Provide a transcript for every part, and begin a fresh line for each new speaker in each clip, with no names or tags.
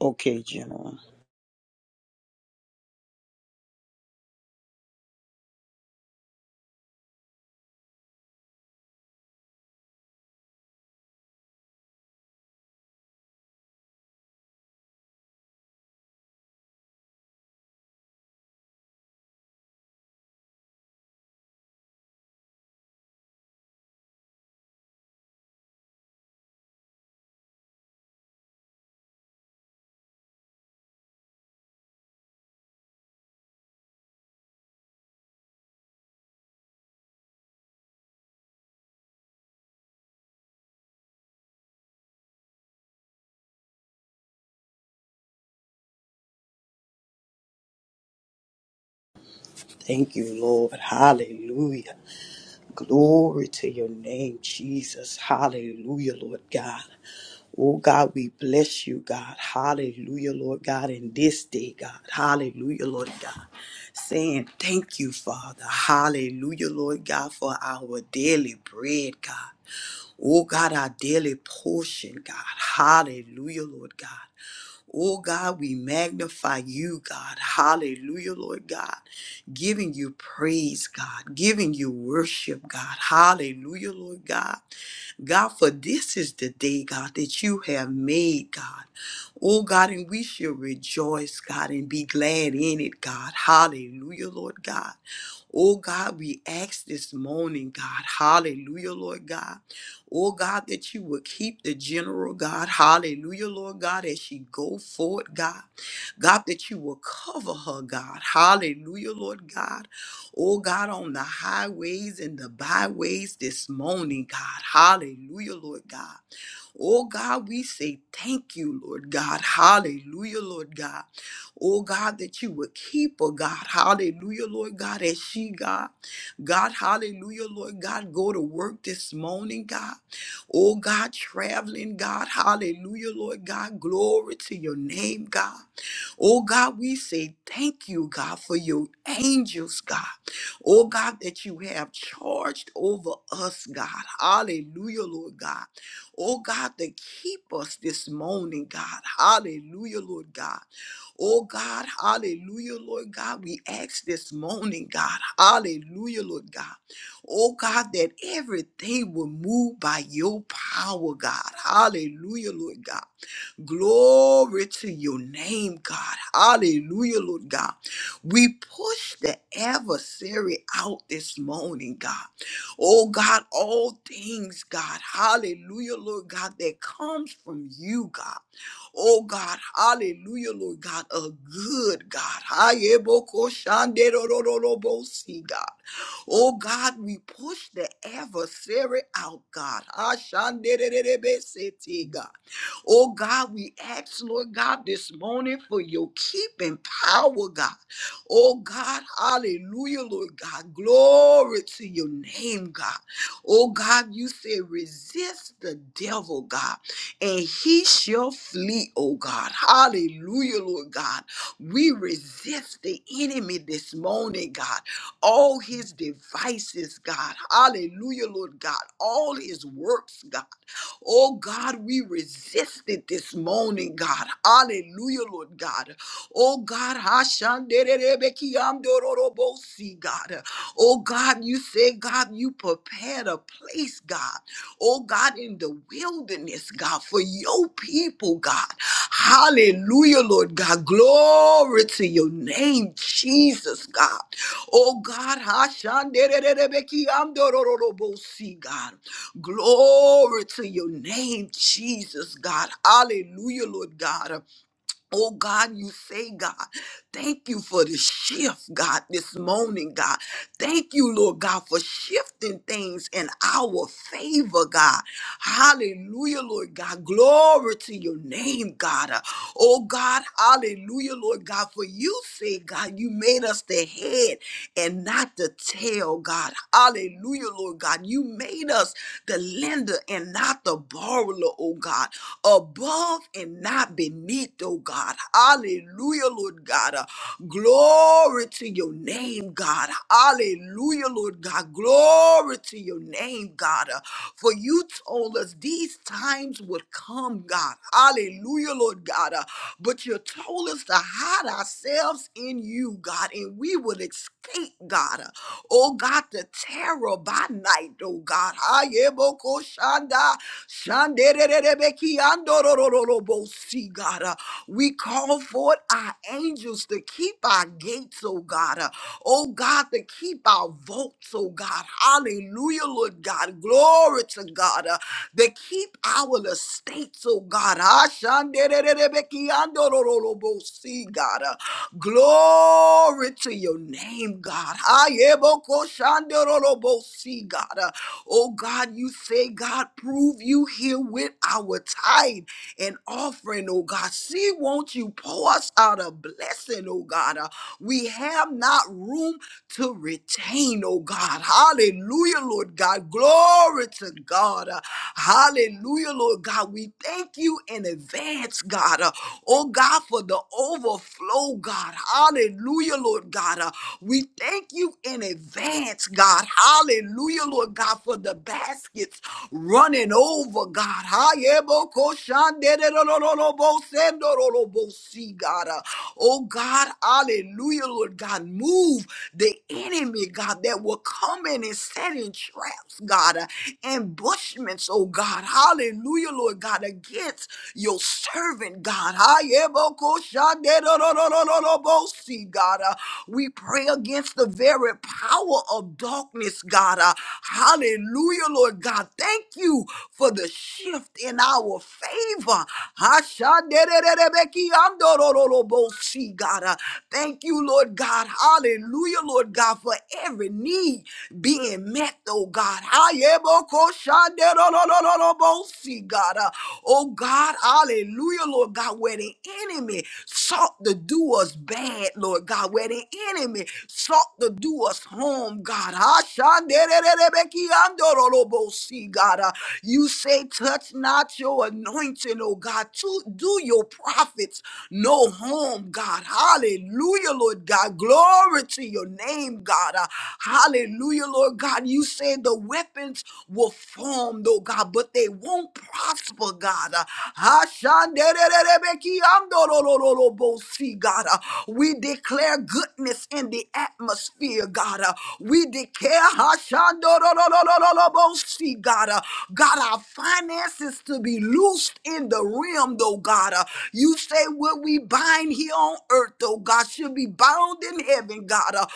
Okay, General. Thank you, Lord. Hallelujah. Glory to your name, Jesus. Hallelujah, Lord God. Oh God, we bless you, God. Hallelujah, Lord God, in this day, God. Hallelujah, Lord God. Saying thank you, Father. Hallelujah, Lord God, for our daily bread, God. Oh God, our daily portion, God. Hallelujah, Lord God. Oh God, we magnify you, God. Hallelujah, Lord God. Giving you praise, God. Giving you worship, God. Hallelujah, Lord God. God, for this is the day, God, that you have made, God. Oh, God, and we shall rejoice, God, and be glad in it, God. Hallelujah, Lord God. Oh, God, we ask this morning, God. Hallelujah, Lord God. Oh God, that you would keep the general, God. Hallelujah, Lord God, as she go forth, God. God, that you will cover her, God. Hallelujah, Lord God. Oh God, on the highways and the byways this morning, God. Hallelujah, Lord God. Oh God, we say thank you, Lord God. Hallelujah, Lord God. Oh God, that you would keep her, God. Hallelujah, Lord God, as she, God. God, hallelujah, Lord God, go to work this morning, God. Oh God, traveling, God. Hallelujah, Lord God. Glory to your name, God. Oh God, we say thank you, God, for your angels, God. Oh God, that you have charged over us, God. Hallelujah, Lord God. Oh God, to keep us this morning, God. Hallelujah, Lord God. Oh God, hallelujah, Lord God. We ask this morning, God. Hallelujah, Lord God. Oh God, that everything will move by your power, God. Hallelujah, Lord God. Glory to your name, God. Hallelujah, Lord God. We push the adversary out this morning, God. Oh God, all things, God. Hallelujah, Lord God, that comes from you, God. Oh God, hallelujah, Lord God, a good God. Ayebokoshanderorororobosi, God. Oh God, we push the adversary out, God. Ashandererebeseti, God. Oh God, we ask, Lord God, this morning for your keeping power, God. Oh God, hallelujah, Lord God. Glory to your name, God. Oh God, you said resist the devil, God, and he shall flee, oh God. Hallelujah, Lord God. We resist the enemy this morning, God. All his devices, God. Hallelujah, Lord God. All his works, God. Oh God, we resist it this morning, God. Hallelujah, Lord God. Oh God, Hashandererebekiamdororobosi, God. Oh God, you say, God, you prepared a place, God. Oh God, in the wilderness, God, for your people, God. Hallelujah, Lord God. Glory to your name, Jesus, God. Oh God, Hashandererebekiamdororobosi, God. Glory to your name, Jesus, God. Hallelujah, Lord God. Oh God, you say, God, thank you for the shift, God, this morning, God. Thank you, Lord God, for shifting things in our favor, God. Hallelujah, Lord God. Glory to your name, God. Uh, Oh God, hallelujah, Lord God, for you say, God, you made us the head and not the tail, God. Hallelujah, Lord God. You made us the lender and not the borrower, oh God, above and not beneath, oh God. Hallelujah, Lord God. Uh, Glory to your name, God. Hallelujah, Lord God. Glory to your name, God. Uh, For you told us these times would come, God. Hallelujah, Lord God. Uh, But you told us to hide ourselves in you, God, and we would escape, God. Oh God, the terror by night, oh God. Hayeboko shanda, shandererebeki andorororobo. See, God, uh, we call forth our angels to keep our gates, oh God. uh, Oh God, to keep our votes, oh God. Hallelujah, Lord God. Glory to God. uh, to keep our estates, oh God. Ashandererebekiandorororobo. See, God. Glory to your name, God. Ayebokoshanderolobosi, God. Uh, Oh God, you say, God, prove you here with our tithe and offering, oh God. See, won't you pour us out a blessing, oh God? Uh, We have not room to retain, oh God. Hallelujah, Lord God. Glory to God. Uh, Hallelujah, Lord God. We thank you in advance, God. Uh, Oh God, for the overflow, God. Hallelujah, Lord God. Uh, We thank you in advance, God. Hallelujah, Lord God, for the baskets running over, God. Hayebokoshandererororobosendororobosi, God. Oh God, hallelujah, Lord God, move the enemy, God, that will come in and set in traps, God, uh, ambushments, oh God, hallelujah, Lord God, against your servant, God. Ayebokoshanderororororobosi, God, uh, we pray against the very power of darkness, God. Uh, hallelujah, Lord God. Thank you for the shift in our favor. Hashandererebekiandororororobosaya, see, God. Uh, Thank you, Lord God. Hallelujah, Lord God, for every need being met, oh God. See, God. Uh, Oh God, hallelujah, Lord God, where the enemy sought to do us bad, Lord God, where the enemy sought to do us harm, God. See, God. Uh, You say, touch not your anointing, oh God. To do your prophet profits no harm, God. Hallelujah, Lord God. Glory to your name, God. Uh, hallelujah, Lord God. You said the weapons were formed, oh God, but they won't prosper, God. Uh, Ashanderererebekiamdorororobosi, God. Uh, we declare goodness in the atmosphere, God. Uh, we declare, Ashandororororobosi, God. Uh, God, our finances to be loosed in the realm, though, God. Uh, you say what we bind here on earth, oh God, should be bound in heaven, God.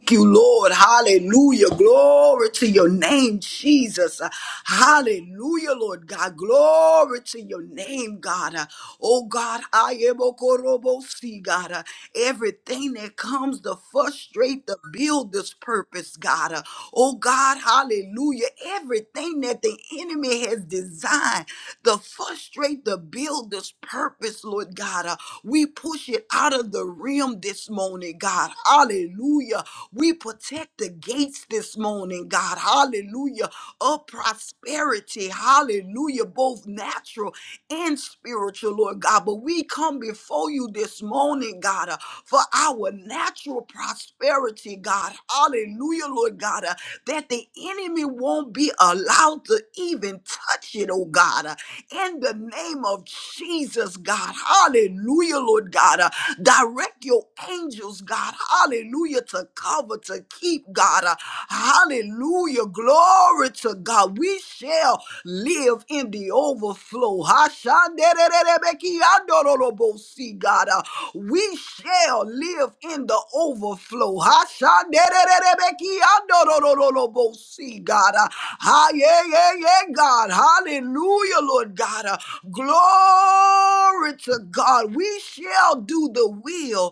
Thank you, Lord. Hallelujah. Glory to your name, Jesus. Uh, Hallelujah, Lord God. Glory to your name, God. Uh, Oh, God, I am a korobosi, God. Uh, Everything that comes to frustrate, to build this purpose, God. Uh, Oh, God, hallelujah. Everything that the enemy has designed to frustrate, to build this purpose, Lord God. Uh, We push it out of the realm this morning, God. Hallelujah. We protect the gates this morning, God. Hallelujah. Of prosperity. Hallelujah. Both natural and spiritual, Lord God. But we come before you this morning, God, uh, for our natural prosperity, God. Hallelujah, Lord God. uh, that the enemy won't be allowed to even touch it, oh God in the name of Jesus, God. Hallelujah, Lord God. Uh, direct your angels, God. Hallelujah, to cover, to keep, God. Uh, hallelujah, glory to God. We shall live in the overflow. Hashandererebekiandorolobosi, God. Uh, we shall live in the overflow. Hashandererebekiandorolobosi, God. Uh, Ah, yeah, yeah, yeah, God. Hallelujah, Lord God. Uh, glory to God. We shall do the will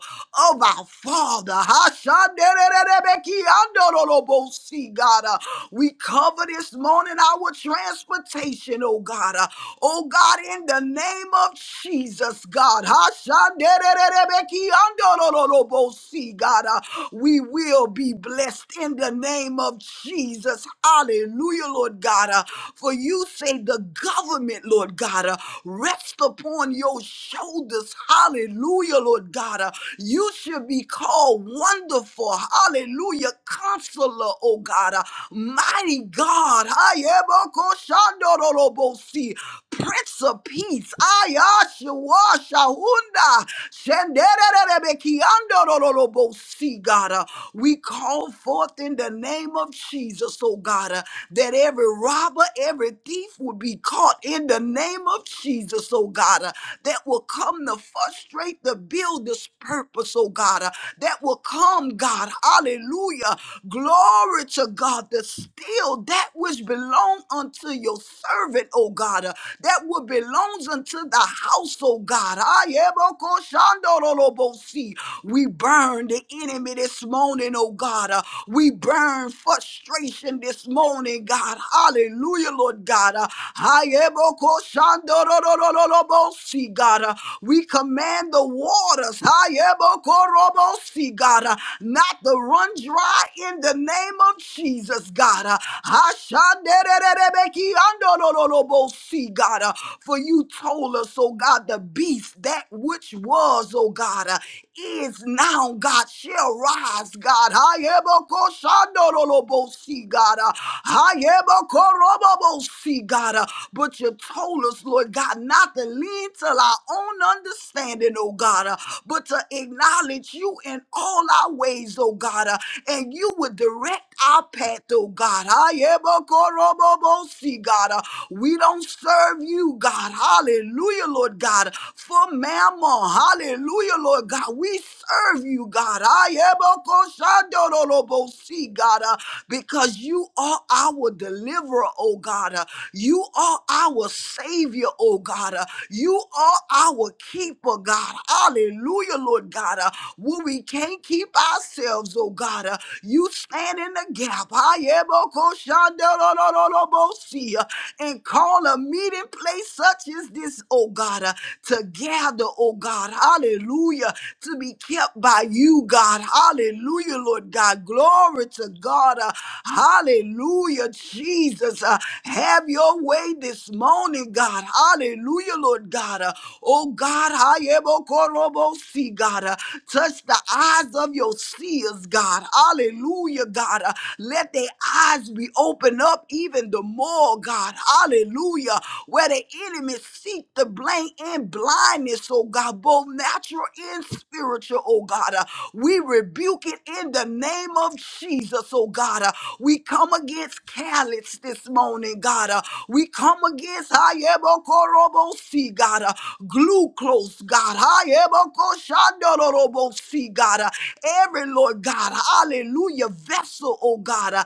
of our Father. Hashandererebekiandorolobosi, God. Uh, we cover this morning our transportation, oh God. Uh, oh God, in the name of Jesus, God. Hashandererebekiandorolobosi, God. Uh, we will be blessed in the name of Jesus. Hallelujah, Lord God. Uh, uh, for you say the government, Lord God, uh, rest upon your shoulders. Hallelujah, Lord God. uh, you should be called wonderful. Hallelujah, counselor, oh God. uh, mighty God. Ayebokoshandorolobosi, Prince of Peace. Ayashawashahunda, shendererebekiandorolobosi, God. uh, we call forth in the name of Jesus, oh God. uh, that every robber, every thief will be caught in the name of Jesus, oh God, uh, that will come to frustrate the builder's purpose, oh God, uh, that will come, God, hallelujah, glory to God, to steal that which belong unto your servant, oh God, uh, that will belongs unto the house, oh God. Ayebokoshandorolobosi. We burn the enemy this morning, oh God. Uh, We burn frustration demonstration this morning, God. Hallelujah, Lord God. Uh, Hayebokoshandororororobosi, God. Uh, We command the waters, Hayebokorobosi, God, uh, not to run dry in the name of Jesus, God. Uh, Hashanderererebekiandorororobosi, God. Uh, For you told us, oh God, the beast, that which was, oh God, uh, is now, God, shall rise, God. Shandorolobosi, God. Uh, Hayebakorobobosi, God. Uh, But you told us, Lord God, not to lean to our own understanding, oh God, uh, but to acknowledge you in all our ways, oh God, uh, and you would direct our path, oh God. Hayebakorobobosi, God. Uh, We don't serve you, God. Hallelujah, Lord God. For mammon, hallelujah, Lord God. We serve you, God see, God, uh, because you are our deliverer, oh God. uh, You are our savior, oh God. uh, You are our keeper, God. Hallelujah, Lord God. uh, When we can't keep ourselves, oh God, uh, you stand in the gap. I am a koshandorolobosi, uh, And call a meeting place such as this, oh God, uh, to gather, oh God. Hallelujah. To be kept by you, God. God. Hallelujah, Lord God. Glory to God. Uh, hallelujah, Jesus. Uh, have your way this morning, God. Hallelujah, Lord God. Uh, oh God, Hayebokorobosi, God. Uh, touch the eyes of your seers, God. Hallelujah, God. Uh, let their eyes be opened up even the more, God. Hallelujah. Where the enemy seek the blame in blindness, oh God, both natural and spiritual, oh God. Uh, We rebuke it in the name of Jesus, oh God. Uh, We come against callous this morning, God. Uh, We come against Hayebokorobosi, God. Uh, Glucose, God. Hayebokoshandorobosi, God. Uh, Every, Lord God, hallelujah, vessel, oh God. Uh,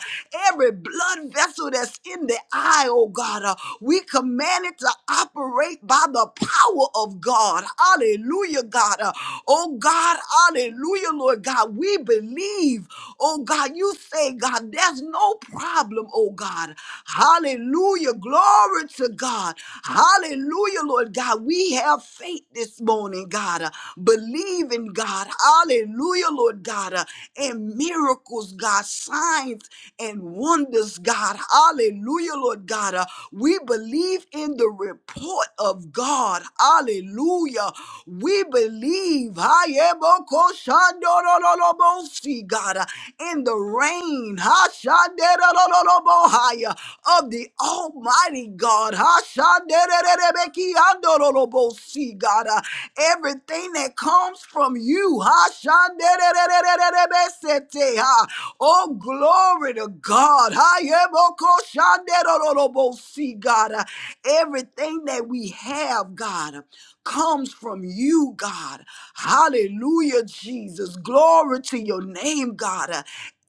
Every blood vessel that's in the eye, oh God. Uh, We command it to operate by the power of God. Hallelujah, God. Uh, Oh God, hallelujah, Lord God. We believe, oh God, you say, God, there's no problem, oh God. Hallelujah, glory to God. Hallelujah, Lord God. We have faith this morning, God. Uh, Believe in God. Hallelujah, Lord God. Uh, And miracles, God, signs and wonders, God. Hallelujah, Lord God. Uh, We believe in the report of God. Hallelujah. We believe Hayebokoshandorolobosi, God in the rain Hashanderololobohaya, of the Almighty God. Hashanderererebekiandorolobosi, God everything that comes from you. Hashandererererebesete, ha. Oh, glory to God. Hayebokoshanderololobosi, God everything that we have, God comes from you, God. Hallelujah, Jesus. Glory to your name, God. Uh,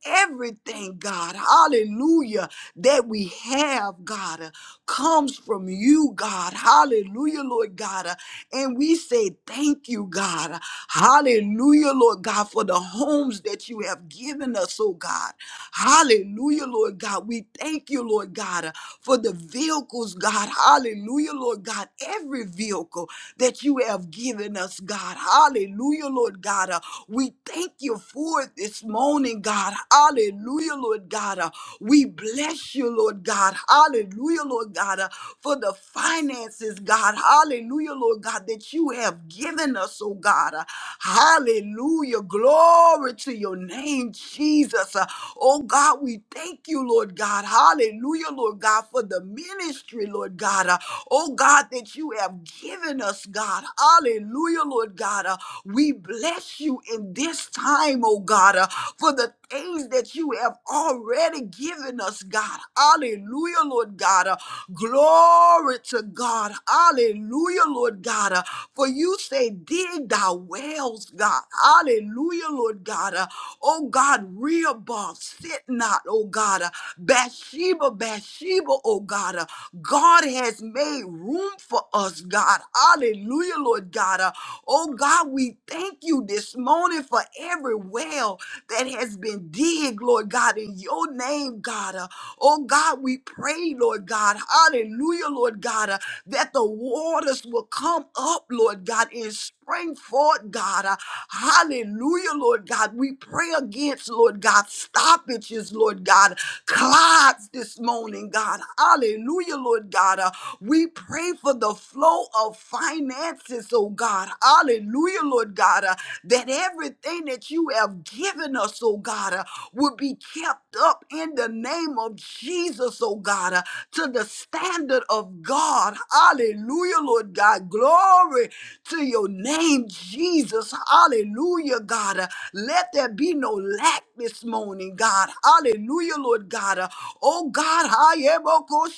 Everything, God, hallelujah, that we have, God. uh, comes from you, God. Hallelujah, Lord God. Uh, And we say thank you, God. Uh, Hallelujah, Lord God, for the homes that you have given us, oh God. Hallelujah, Lord God. We thank you, Lord God, uh, for the vehicles, God. Hallelujah, Lord God. Every vehicle that you have given us, God. Hallelujah, Lord God. Uh, We thank you for it this morning, God. God. Hallelujah, Lord God. Uh, We bless you, Lord God. Hallelujah, Lord God, uh, for the finances, God. Hallelujah, Lord God, that you have given us, oh God. Uh, Hallelujah. Glory to your name, Jesus. Uh, Oh God, we thank you, Lord God. Hallelujah, Lord God, for the ministry, Lord God. Uh, Oh God, that you have given us, God. Hallelujah. Lord God. Uh, we bless you in this time, oh God, uh, for the things that you have already given us, God. Hallelujah, Lord God. Uh, glory to God. Hallelujah, Lord God. Uh, for you say, dig thy wells, God. Hallelujah, Lord God. Uh, oh God, Rehoboth, sit not, oh God. Uh, Bathsheba, Bathsheba, oh God. Uh, God has made room for us, God. Hallelujah, Lord God. Uh, oh, God, we thank you this morning for every well that has been digged, Lord God, in your name, God. Uh, Oh God, we pray, Lord God, hallelujah, Lord God, uh, that the waters will come up, Lord God, and spring forth, God. Uh, hallelujah, Lord God. We pray against, Lord God, stoppages, Lord God, clots this morning, God. Hallelujah, Lord God. Uh, we pray for the flow of finances, oh God. Hallelujah, Lord God, uh, that everything that you have given us, oh God, uh, will be kept up in the name of Jesus, oh God, uh, to the standard of God. Hallelujah, Lord God. Glory to your name, Jesus. Hallelujah, God. Uh, Let there be no lack this morning, God. Hallelujah, Lord God. Uh, Oh God, I am a God.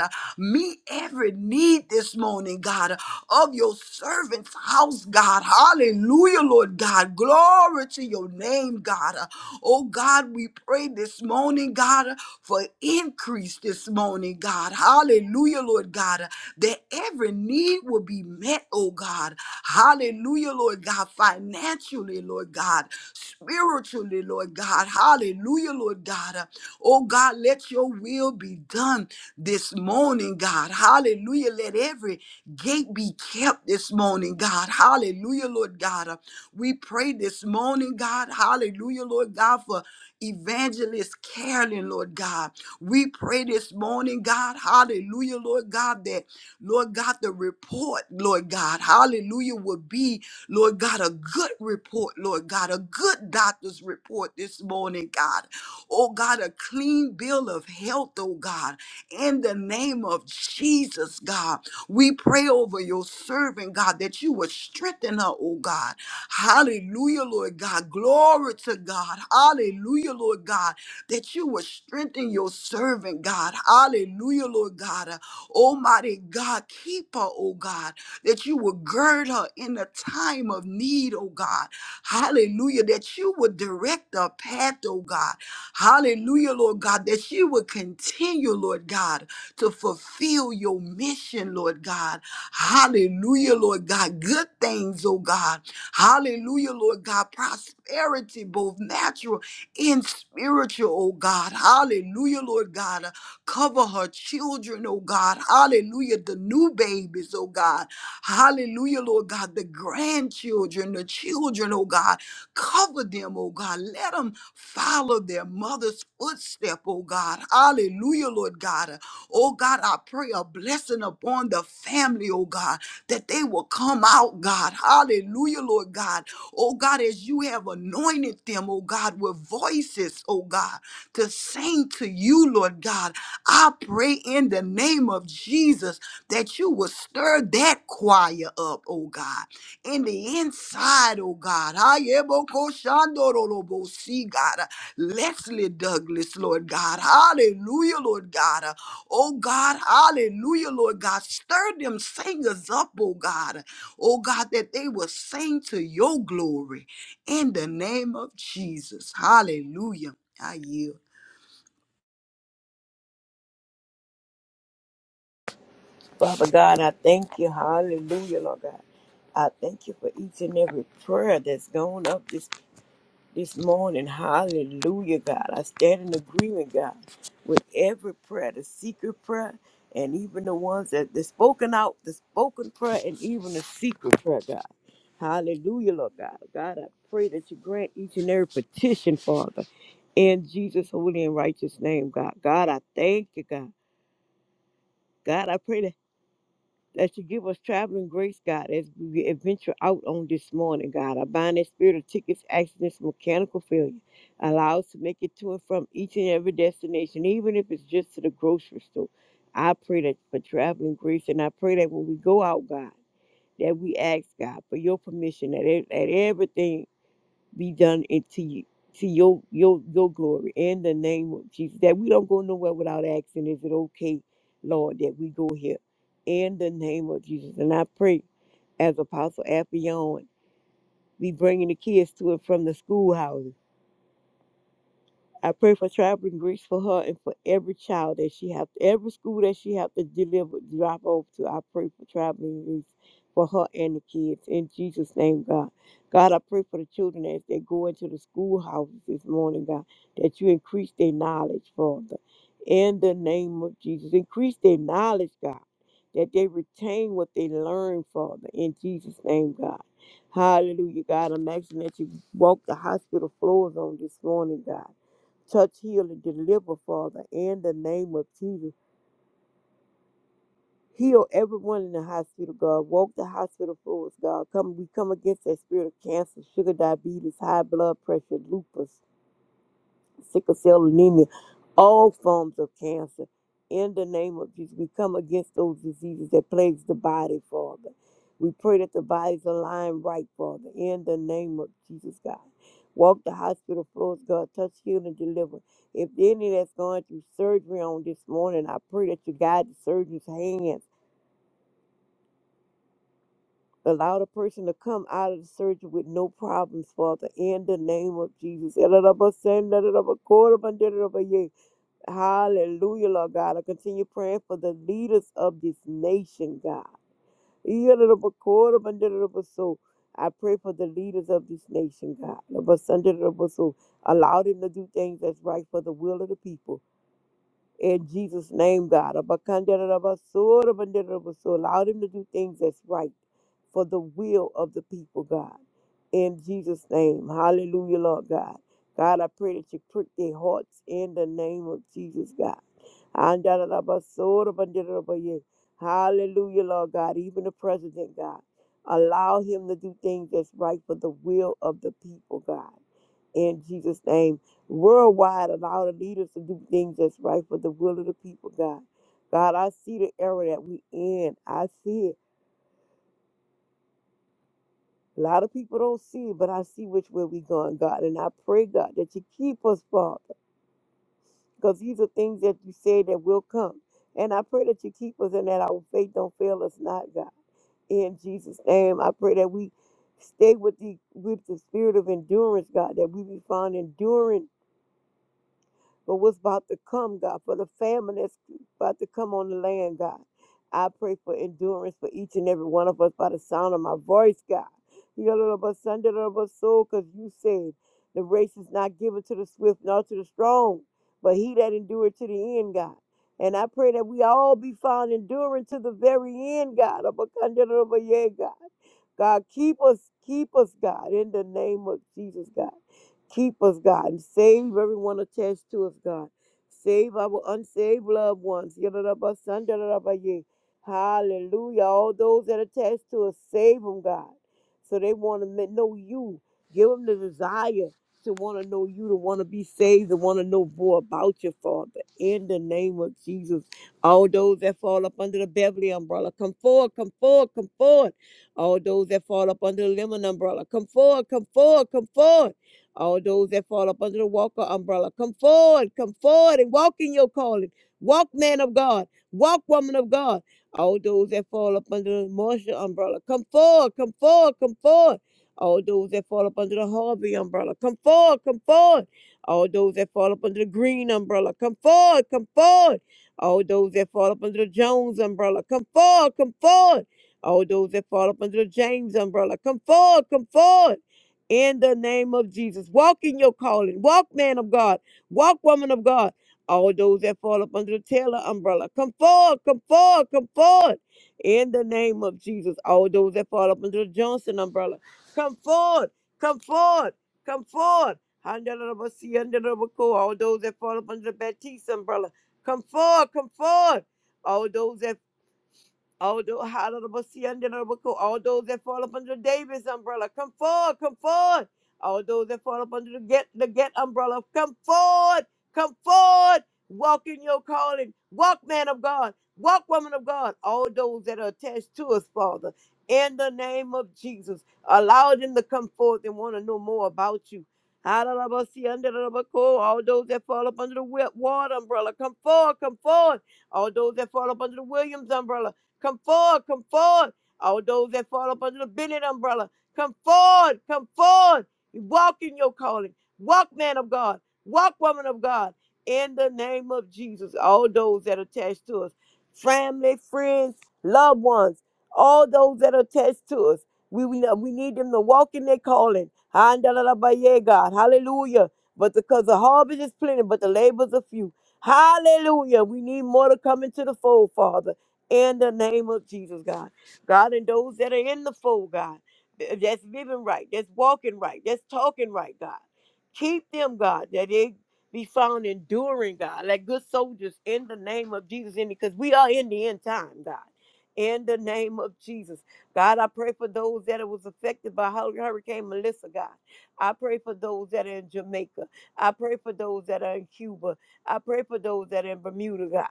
Uh, Meet every need this morning, God of your servant's house, God. Hallelujah, Lord God. Glory to your name, God. Uh, Oh, God, we pray this morning, God, uh, for increase this morning, God. Hallelujah, Lord God, uh, that every need will be met, oh God. Hallelujah, Lord God, financially, Lord God, spiritually, Lord God. Hallelujah, Lord God. Uh, Oh, God, let your will be done this morning, God. Hallelujah. Let every gate be kept this morning, God. Hallelujah, Lord God. Uh, We pray this morning, God. Hallelujah, Lord God, for evangelist Carolyn, Lord God. We pray this morning, God. Hallelujah, Lord God, that, Lord God, the report, Lord God. Hallelujah, will be, Lord God, a good report, Lord God, a good doctor's report this morning, God. Oh, God, a clean bill of health, oh, God, in the name of Jesus, God. We pray over your servant, God, that you would strengthen her, oh God. Hallelujah, Lord God. Glory to God. Hallelujah, Lord God, that you would strengthen your servant, God. Hallelujah, Lord God. Uh, Almighty God, keep her, oh God, that you would gird her in the time of need, oh God. Hallelujah, that you would direct her path, oh God. Hallelujah, Lord God, that you would continue, Lord God to fulfill your mission, Lord God. Hallelujah, Lord God. Good things, oh God. Hallelujah, Lord God. Prosperity, both natural and spiritual, oh God. Hallelujah, Lord God. Uh, Cover her children, oh God. Hallelujah, the new babies, oh God. Hallelujah, Lord God. The grandchildren, the children, oh God. Cover them, oh God. Let them follow their mother's footstep, oh God. Hallelujah, Lord God. Oh God, I pray a blessing upon the family, oh God, that they will come out, God. Hallelujah, Lord God. Oh God, as you have anointed them, oh God, with voices, oh God, to sing to you, Lord God. I pray in the name of Jesus that you will stir that choir up, oh God, in the inside, oh God. Ayebokoshandorolobosi, God. Leslie Douglas, Lord God. Hallelujah, Lord God. Oh God, hallelujah, Lord God. Stir them singers up, oh God. Oh God, that they will sing to your glory in the name of Jesus. Hallelujah. I yield.
Father God, I thank you. Hallelujah, Lord God. I thank you for each and every prayer that's gone up this this morning. Hallelujah, God. I stand in agreement, God, with every prayer, the secret prayer, and even the ones that the spoken out, the spoken prayer, and even the secret prayer, God. Hallelujah, Lord God. God, I pray that you grant each and every petition, Father, in Jesus' holy and righteous name, God. God, I thank you, God. God, I pray that that you give us traveling grace, God, as we adventure out on this morning, God. I bind that spirit of tickets, accidents, mechanical failure. Allow us to make it to and from each and every destination, even if it's just to the grocery store. I pray that for traveling grace, and I pray that when we go out, God, that we ask God for your permission that, ev- that everything be done into you to your your your glory in the name of Jesus. That we don't go nowhere without asking, is it okay, Lord, that we go here in the name of Jesus? And I pray as Apostle Affion be bringing the kids to and from the schoolhouse. I pray for traveling grace for her and for every child that she have, every school that she have to deliver, drop off to. I pray for traveling grace for her and the kids. In Jesus' name, God. God, I pray for the children as they go into the schoolhouses this morning, God, that you increase their knowledge, Father. In the name of Jesus, increase their knowledge, God, that they retain what they learn, Father. In Jesus' name, God. Hallelujah, God. I'm asking that you walk the hospital floors on this morning, God Touch, heal, and deliver, Father, in the name of Jesus. Heal everyone in the hospital, God. Walk the hospital floors, God. Come, we come against that spirit of cancer, sugar, diabetes, high blood pressure, lupus. sickle cell anemia, all forms of cancer. In the name of Jesus, we come against those diseases that plagues the body, Father. We pray that the bodies align right, Father. In the name of Jesus, God. Walk the hospital floors, God. Touch, heal, and deliver. If any that's going through surgery on this morning, I pray that you guide the surgeon's hands. Allow the person to come out of the surgery with no problems, Father. In the name of Jesus. Hallelujah, Lord God. I continue praying for the leaders of this nation, God. Yidda-da-da-ba-ko-da-ba-da-da-da-ba-so. I pray for the leaders of this nation, God. Da-ba-sun-da-da-da-ba-so. Allow them to do things that's right for the will of the people. In Jesus' name, God. Da-ba-kun-da-da-da-ba-so, da-ba-da-da-da-ba-so. Allow them to do things that's right for the will of the people, God. In Jesus' name. Hallelujah, Lord God. God, I pray that you prick their hearts in the name of Jesus, God. Andalabasodabandidalabaye. Hallelujah, Lord God. Even the president, God. Allow him to do things that's right for the will of the people, God. In Jesus' name. Worldwide, allow the leaders to do things that's right for the will of the people, God. God, I see the era that we in. I see it. A lot of people don't see it, but I see which way we going, God. And I pray, God, that you keep us, Father. because these are things that you say that will come. And I pray that you keep us and that our faith don't fail us not, God. In Jesus' name, I pray that we stay with the with the spirit of endurance, God, that we be found enduring for what's about to come, God, for the famine that's about to come on the land, God. I pray for endurance for each and every one of us by the sound of my voice, God. Because you said the race is not given to the swift nor to the strong, but he that endured to the end, God. And I pray that we all be found enduring to the very end, God. God, keep us, keep us, God, in the name of Jesus, God. Keep us, God, and save everyone attached to us, God. Save our unsaved loved ones. Yadadabasan, dadadabaye. Hallelujah. All those that are attached to us, save them, God. So they want to know you. Give them the desire to want to know you, to want to be saved, to want to know more about your Father. In the name of Jesus. All those that fall up under the Beverly umbrella, come forward, come forward, come forward. All those that fall up under the Lemon umbrella, come forward, come forward, come forward. All those that fall up under the Walker umbrella, come forward, come forward and walk in your calling. Walk, man of God. Walk, woman of God. All those that fall up under the Marshall umbrella, come forward, come forward, come forward. All those that fall up under the Harvey umbrella, come forward, come forward. All those that fall up under the Green umbrella, come forward, come forward. All those that fall up under the Jones umbrella, come forward, come forward. All those that fall up under the James umbrella, come forward, come forward in the name of Jesus. Walk in your calling. Walk, man of God. Walk, woman of God. All those that fall up under the Taylor umbrella, come forward, come forward, come forward. In the name of Jesus. All those that fall up under the Johnson umbrella, come forward, come forward, come forward. Handelabo si, handelabo ko. All those that fall up under the Baptiste umbrella, come forward, come forward. All those that. All those, all those that fall up under the Davis umbrella, come forward, come forward. All those that fall up under the get the get umbrella, come forward, come forward. Walk in your calling. Walk, man of God. Walk, woman of God. All those that are attached to us, Father, in the name of Jesus, allow them to come forth and want to know more about you. All those that fall up under the wa- water umbrella, come forward, come forward. All those that fall up under the Williams umbrella, Come forward, come forward. All those that fall up under the Bennett umbrella, come forward, come forward. Walk in your calling. Walk, man of God. Walk, woman of God. In the name of Jesus, all those that are attached to us, family, friends, loved ones, all those that are attached to us, we, we, we need them to walk in their calling. Handalabaye, God. Hallelujah. But because the harvest is plenty, but the labors are few. Hallelujah. We need more to come into the fold, Father in the name of Jesus, God. God, and those that are in the fold, God, th- that's living right, that's walking right, that's talking right, God. Keep them, God, that they be found enduring, God, like good soldiers in the name of Jesus, and because we are in the end time, God. In the name of Jesus, God, I pray for those that it was affected by Hur- Hurricane Melissa, God. I pray for those that are in Jamaica. I pray for those that are in Cuba. I pray for those that are in Bermuda, God.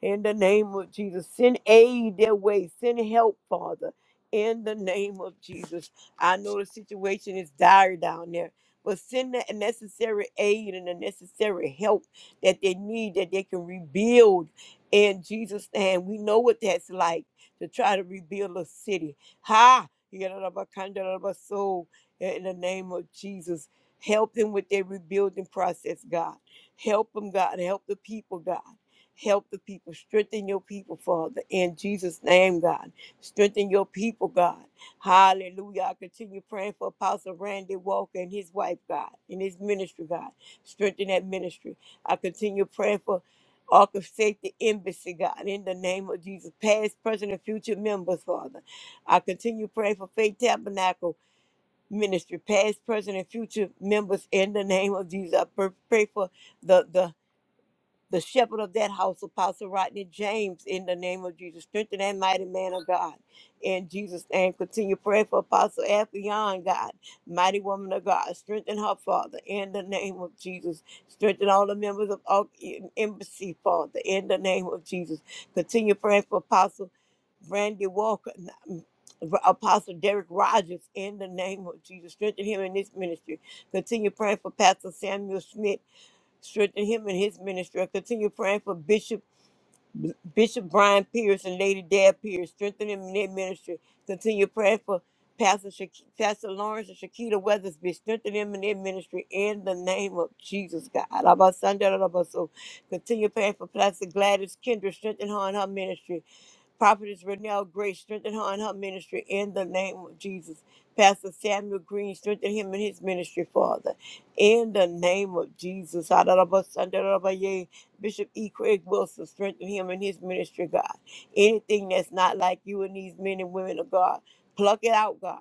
In the name of Jesus, send aid their way, send help, Father. In the name of Jesus, I know the situation is dire down there, but send the necessary aid and the necessary help that they need that they can rebuild. In Jesus' name, we know what that's like to try to rebuild a city. Ha! So, in the name of Jesus, help them with their rebuilding process, God. Help them, God. Help the people, God. Help the people. Strengthen your people, Father. In Jesus' name, God. Strengthen your people, God. Hallelujah. I continue praying for Apostle Randy Walker and his wife, God, and his ministry, God. Strengthen that ministry. I continue praying for Ark of Safety Embassy, God, in the name of Jesus. Past, present, and future members, Father. I continue praying for Faith Tabernacle Ministry, past, present, and future members, in the name of Jesus. I pr- pray for the the the shepherd of that house, Apostle Rodney James, in the name of Jesus. Strengthen that mighty man of God. In Jesus' name, continue praying for Apostle Afion, God, mighty woman of God. Strengthen her, Father, in the name of Jesus. Strengthen all the members of our embassy, Father, in the name of Jesus. Continue praying for Apostle Brandy Walker, Apostle Derek Rogers, in the name of Jesus. Strengthen him in this ministry. Continue praying for Pastor Samuel Smith strengthen him and his ministry. I continue praying for Bishop Bishop Brian Pierce and Lady Dad Pierce, strengthen them in their ministry. Continue praying for Pastor Shak- Pastor Lawrence and Shakita Weathersby, strengthen them in their ministry in the name of Jesus God. Alabasanda, alabaso. Continue praying for Pastor Gladys Kendra, strengthen her in her ministry. Prophetess Renelle Grace, strengthen her and her ministry in the name of Jesus. Pastor Samuel Green, strengthen him in his ministry, Father. In the name of Jesus. Adarabasandarabaya. Bishop E. Craig Wilson, strengthen him in his ministry, God. Anything that's not like you and these men and women of God, pluck it out, God.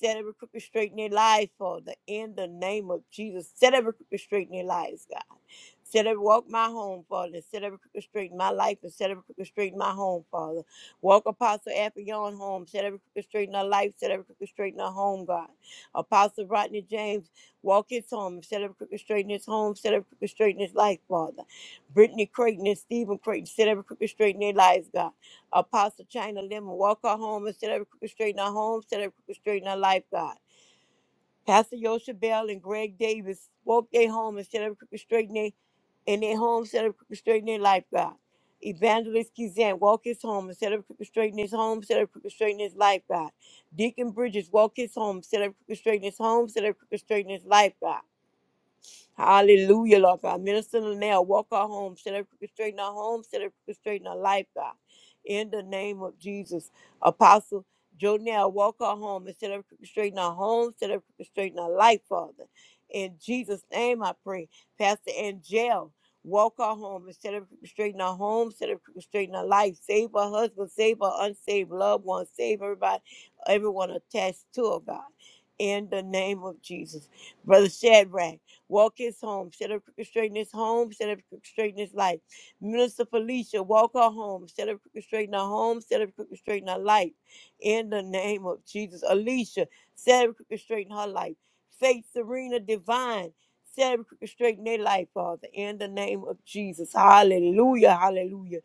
Set every crooked straight in their lives, Father. In the name of Jesus. Set every crooked straight in their lives, God. Set every walk my home, Father. Set every crooked straight in my life and set every crooked straight in my home, Father. Walk Apostle Affion home. Set every crooked straight in her life. Set every crooked straight in her home, God. Apostle Rodney James, walk his home. Set every crooked straight in his home. Set every crooked straight in his life, Father. Brittany Creighton and Stephen Creighton, set every crooked straight in their lives, God. Apostle China Lemon, walk her home and set every crooked straight in her home. Set every crooked straight in her life, God. Pastor Yosha Bell and Greg Davis spoke their home instead of straightening their in their home instead of straightening their life, God. Evangelist Kizan, walk his home instead of straightening his home, instead of straightening his life, God. Deacon Bridges, walk his home instead of straightening his home, instead of straightening his life, God. Hallelujah, Lord God. Minister Linnell, walk our home. Set every straighten our home. Set every straighten our life, God. In the name of Jesus. Apostle Jonell, walk our home. And set every straighten our home. Set every straighten our life, Father. In Jesus' name I pray. Pastor Angel, walk our home. And set every straighten our home. Set every straighten our life. Save our husband. Save our unsaved loved ones. Save everybody, everyone attached to her, God. In the name of Jesus. Brother Shadrach. Walk his home. Set up crooked his home. Set up crooked his life. Minister Felicia, walk her home. Set up crooked her home. Set up crooked her life. In the name of Jesus. Alicia, set up crooked her life. Faith Serena Divine. Set up crooked their life, Father, in the name of Jesus. Hallelujah, hallelujah.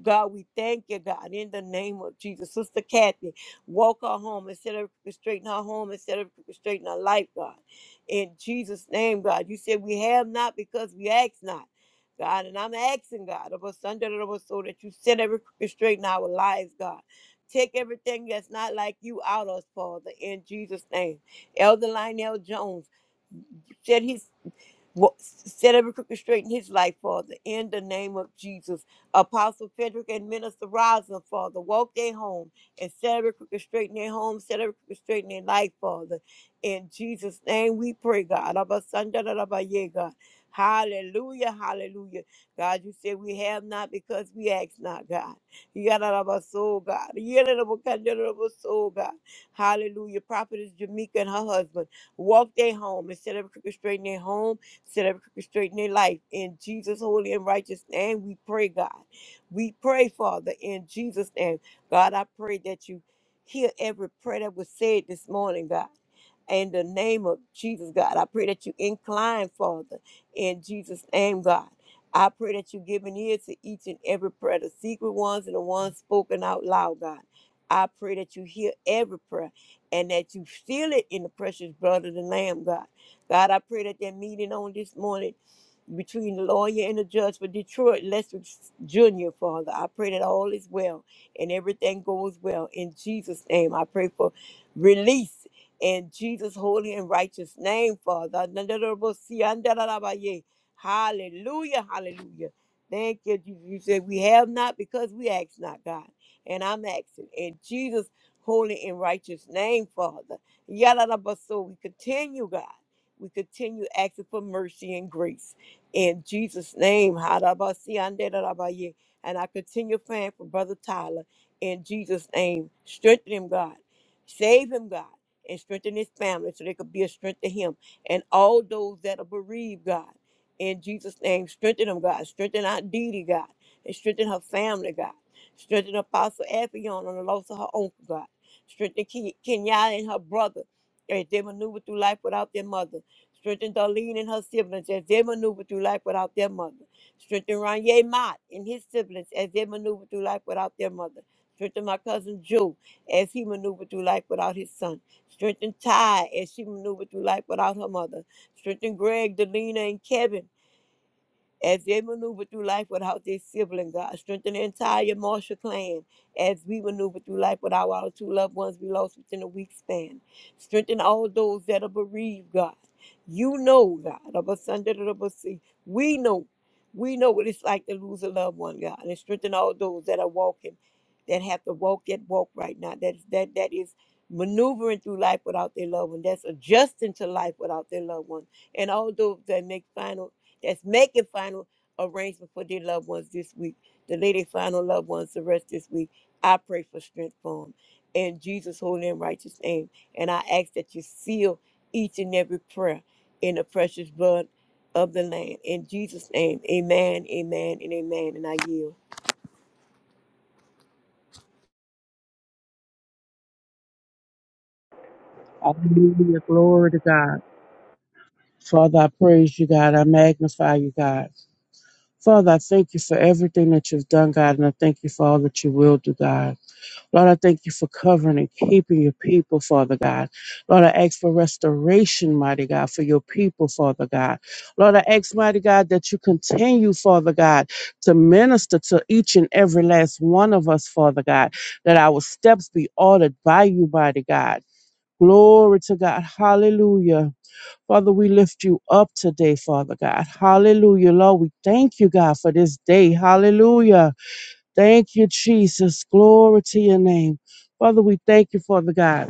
God, we thank you, God, in the name of Jesus. Sister Kathy, walk her home instead of straighten her home instead of straighten her life, God in Jesus' name, God. You said we have not because we ask not, God. And I'm asking, God, of us under the Lord, so that you set every crooked straight in our lives, God. Take everything that's not like you out of us, Father, in Jesus' name. Elder Lionel Jones said he. Wa- Set every crooked straight in his life, Father, in the name of Jesus. Apostle Frederick and Minister Rosin, Father, walk their home and set every crooked straight in their home, set every crooked straight in their life, Father. In Jesus' name we pray, God. Abba, Sanda, da, da, da, ba, yeah, God. Hallelujah, hallelujah. God, you said we have not because we ask not, God. You got out of our soul, God. You got out of our kind out of our soul, God. Hallelujah. Prophetess Jamaica and her husband walk their home and set every crooked straight in their home Set up straight in their life. In Jesus' holy and righteous name, we pray, God. We pray, Father, in Jesus' name. God, I pray that you hear every prayer that was said this morning, God. In the name of Jesus, God, I pray that you incline, Father, in Jesus' name, God. I pray that you give an ear to each and every prayer, the secret ones and the ones spoken out loud, God. I pray that you hear every prayer and that you seal it in the precious blood of the Lamb, God. God, I pray that that meeting on this morning between the lawyer and the judge for Detroit Lester Jr., Father. I pray that all is well and everything goes well. In Jesus' name, I pray for release in Jesus' holy and righteous name, Father. Hallelujah, hallelujah. Thank you. Jesus. You said we have not because we ask not, God. And I'm asking in Jesus' holy and righteous name, Father. Yada So we continue, God. We continue asking for mercy and grace. In Jesus' name, Hadabasianderabaye. and I continue praying for Brother Tyler. In Jesus' name, strengthen him, God. Save him, God, and strengthen his family so they could be a strength to him and all those that are bereaved, God. In Jesus' name, strengthen them, God. Strengthen Aunt Dee, Dee, God, and strengthen her family, God. Strengthen Apostle Afion on the loss of her uncle, God. Strengthen Ken- Kenyatta and her brother as they maneuver through life without their mother. Strengthen Darlene and her siblings as they maneuver through life without their mother. Strengthen Ranye Mott and his siblings as they maneuver through life without their mother. Strengthen my cousin Joe as he maneuvered through life without his son. Strengthen Ty as she maneuvered through life without her mother. Strengthen Greg, Delina, and Kevin as they maneuver through life without their sibling, God, strengthen the entire Marshall clan as we maneuver through life without our two loved ones we lost within a week span. Strengthen all those that are bereaved, God. You know, God, of a son that of a sea. We know. We know what it's like to lose a loved one, God. And strengthen all those that are walking, that have to walk that walk right now. That is that that is maneuvering through life without their loved one. That's adjusting to life without their loved one. And all those that make final that's making final arrangements for their loved ones this week, the lady final loved ones to rest this week. I pray for strength for them in Jesus' holy and righteous name. And I ask that you seal each and every prayer in the precious blood of the Lamb. In Jesus' name, amen, amen, and amen. And I yield.
Hallelujah. Glory to God. Father, I praise you, God. I magnify you, God. Father, I thank you for everything that you've done, God, and I thank you for all that you will do, God. Lord, I thank you for covering and keeping your people, Father God. Lord, I ask for restoration, mighty God, for your people, Father God. Lord, I ask, mighty God, that you continue, Father God, to minister to each and every last one of us, Father God, that our steps be ordered by you, mighty God. Glory to God. Hallelujah. Father, we lift you up today, Father God. Hallelujah. Lord, we thank you, God, for this day. Hallelujah. Thank you, Jesus. Glory to your name. Father, we thank you, Father God.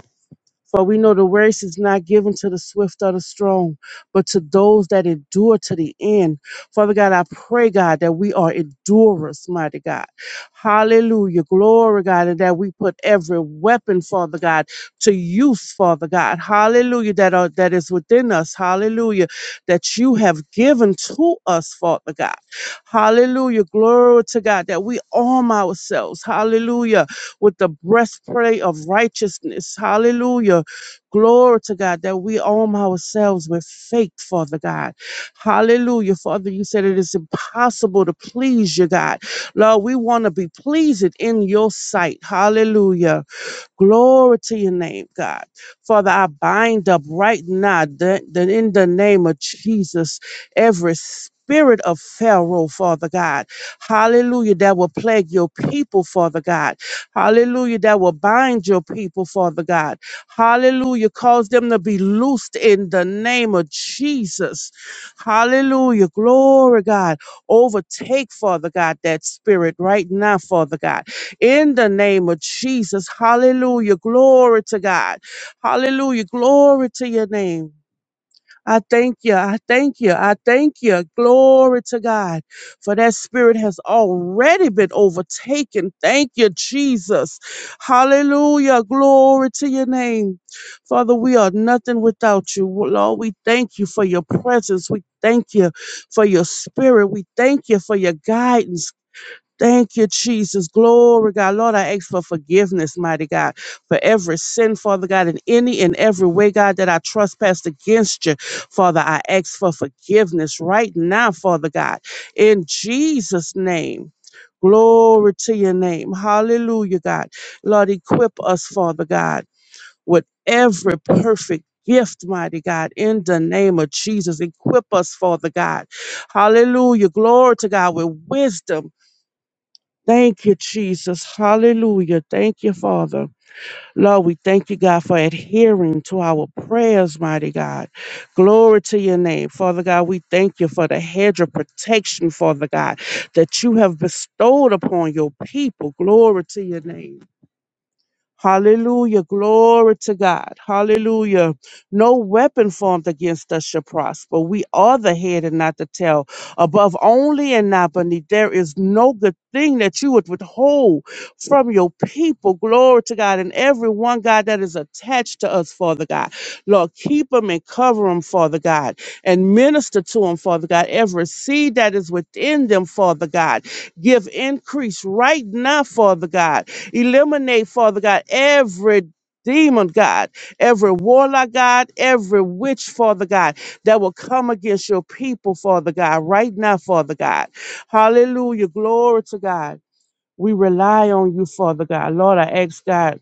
For we know the race is not given to the swift or the strong, but to those that endure to the end. Father God, I pray, God, that we are endurers, mighty God. Hallelujah. Glory, God, and that we put every weapon, Father God, to use, Father God. Hallelujah. That are that is within us. Hallelujah. That you have given to us, Father God. Hallelujah. Glory to God. That we arm ourselves. Hallelujah with the breastplate of righteousness. Hallelujah. Glory to God that we arm ourselves with faith, Father God. Hallelujah. Father, you said it is impossible to please you, God. Lord, we want to be pleasing in your sight. Hallelujah. Glory to your name, God. Father, I bind up right now that, that in the name of Jesus, every spirit of Pharaoh, Father God. Hallelujah, that will plague your people, Father God. Hallelujah, that will bind your people, Father God. Hallelujah, cause them to be loosed in the name of Jesus. Hallelujah, glory, God. Overtake, Father God, that spirit right now, Father God in the name of Jesus. Hallelujah. Glory to God. Hallelujah. Glory to your name. I thank you. I thank you. I thank you. Glory to God. For that spirit has already been overtaken. Thank you, Jesus. Hallelujah. Glory to your name. Father, we are nothing without you. Lord, we thank you for your presence. We thank you for your spirit. We thank you for your guidance. Thank you, Jesus. Glory, God. Lord, I ask for forgiveness, mighty God, for every sin, Father God, in any and every way, God, that I trespassed against you. Father, I ask for forgiveness right now, Father God, in Jesus' name. Glory to your name. Hallelujah, God. Lord, equip us, Father God, with every perfect gift, mighty God, in the name of Jesus. Equip us, Father God. Hallelujah. Glory to God with wisdom Thank you, Jesus. Hallelujah. Thank you, Father. Lord, we thank you, God, for adhering to our prayers, mighty God. Glory to your name. Father God, we thank you for the hedge of protection, Father God, that you have bestowed upon your people. Glory to your name. Hallelujah. Glory to God. Hallelujah. No weapon formed against us shall prosper. We are the head and not the tail, above only and not beneath. There is no good thing that you would withhold from your people. Glory to God. And everyone, God, that is attached to us, Father God. Lord, keep them and cover them, Father God, and minister to them, Father God. Every seed that is within them, Father God, give increase right now, Father God. Eliminate, Father God, every demon, God, every warlock, God, every witch, Father God, that will come against your people, Father God, right now, Father God. Hallelujah. Glory to God. We rely on you, Father God. Lord, I ask God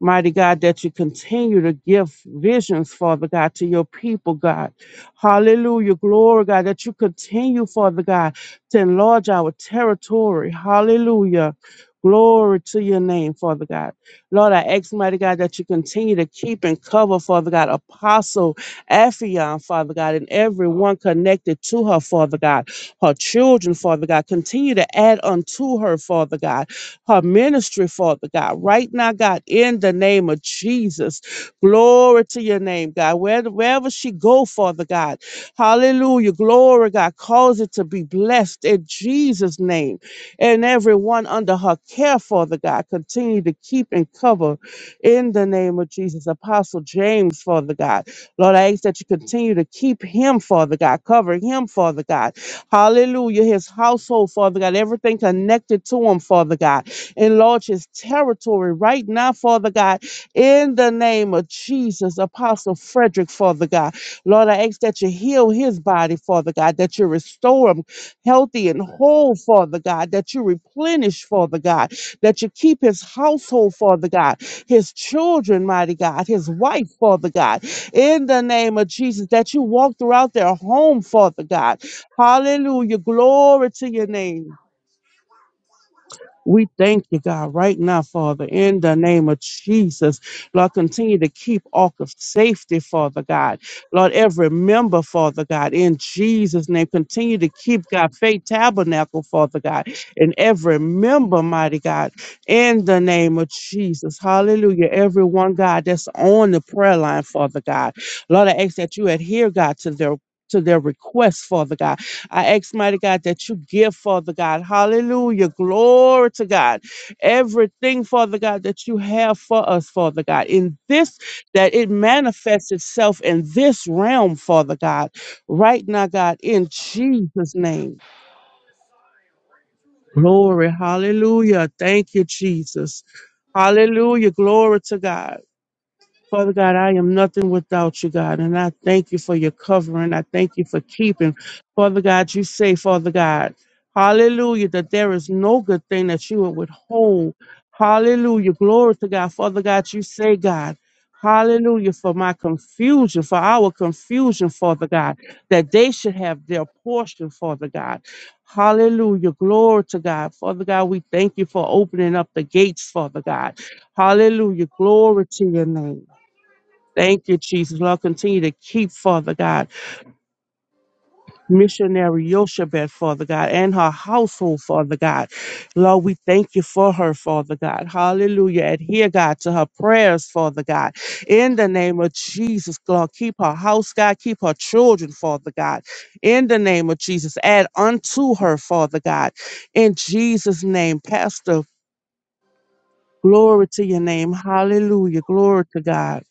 Mighty God, that you continue to give visions, Father God, to your people, God. Hallelujah. Glory, God, that you continue, Father God, to enlarge our territory. Hallelujah. Glory to your name, Father God. Lord, I ask, mighty God, that you continue to keep and cover, Father God, Apostle Affion, Father God, and everyone connected to her, Father God, her children, Father God. Continue to add unto her, Father God her ministry, Father God. Right now, God, in the name of Jesus, glory to your name, God. Where, wherever she go, Father God, hallelujah, glory, God, cause it to be blessed in Jesus' name. And everyone under her care, Father God, continue to keep and cover in the name of Jesus. Apostle James, Father God, Lord, I ask that you continue to keep him, Father God, covering him, Father God. Hallelujah. His household, Father God, everything connected to him, Father God. Enlarge his territory right now, Father God, in the name of Jesus, Apostle Frederick, Father God. Lord, I ask that you heal his body, Father God, that you restore him healthy and whole, Father God, that you replenish, Father God, that you keep his household, Father God, his children, mighty God, his wife, Father God, in the name of Jesus, that you walk throughout their home, Father God. Hallelujah. Glory to your name. We thank you, God, right now, Father, in the name of Jesus. Lord, continue to keep all of safety, Father God. Lord, every member, Father God, in Jesus' name, continue to keep God faith tabernacle, Father God, and every member, mighty God, in the name of Jesus. Hallelujah. Everyone, God, that's on the prayer line, Father God. Lord, I ask that you adhere, God, to their to their requests, Father God. I ask, mighty God, that you give, Father God. Hallelujah. Glory to God. Everything, Father God, that you have for us, Father God, in this, that it manifests itself in this realm, Father God, right now, God, in Jesus' name. Glory. Hallelujah. Thank you, Jesus. Hallelujah. Glory to God. Father God, I am nothing without you, God, and I thank you for your covering. I thank you for keeping. Father God, you say, Father God, hallelujah, that there is no good thing that you would withhold. Hallelujah. Glory to God. Father God, you say, God, hallelujah, for my confusion, for our confusion, Father God, that they should have their portion, Father God. Hallelujah. Glory to God. Father God, we thank you for opening up the gates, Father God. Hallelujah. Glory to your name. Thank you, Jesus. Lord, continue to keep, Father God, missionary Yoshebet, Father God, and her household, Father God. Lord, we thank you for her, Father God. Hallelujah. Adhere, God, to her prayers, Father God. In the name of Jesus, Lord, keep her house, God. Keep her children, Father God. In the name of Jesus, add unto her, Father God. In Jesus' name, Pastor, glory to your name. Hallelujah. Glory to God.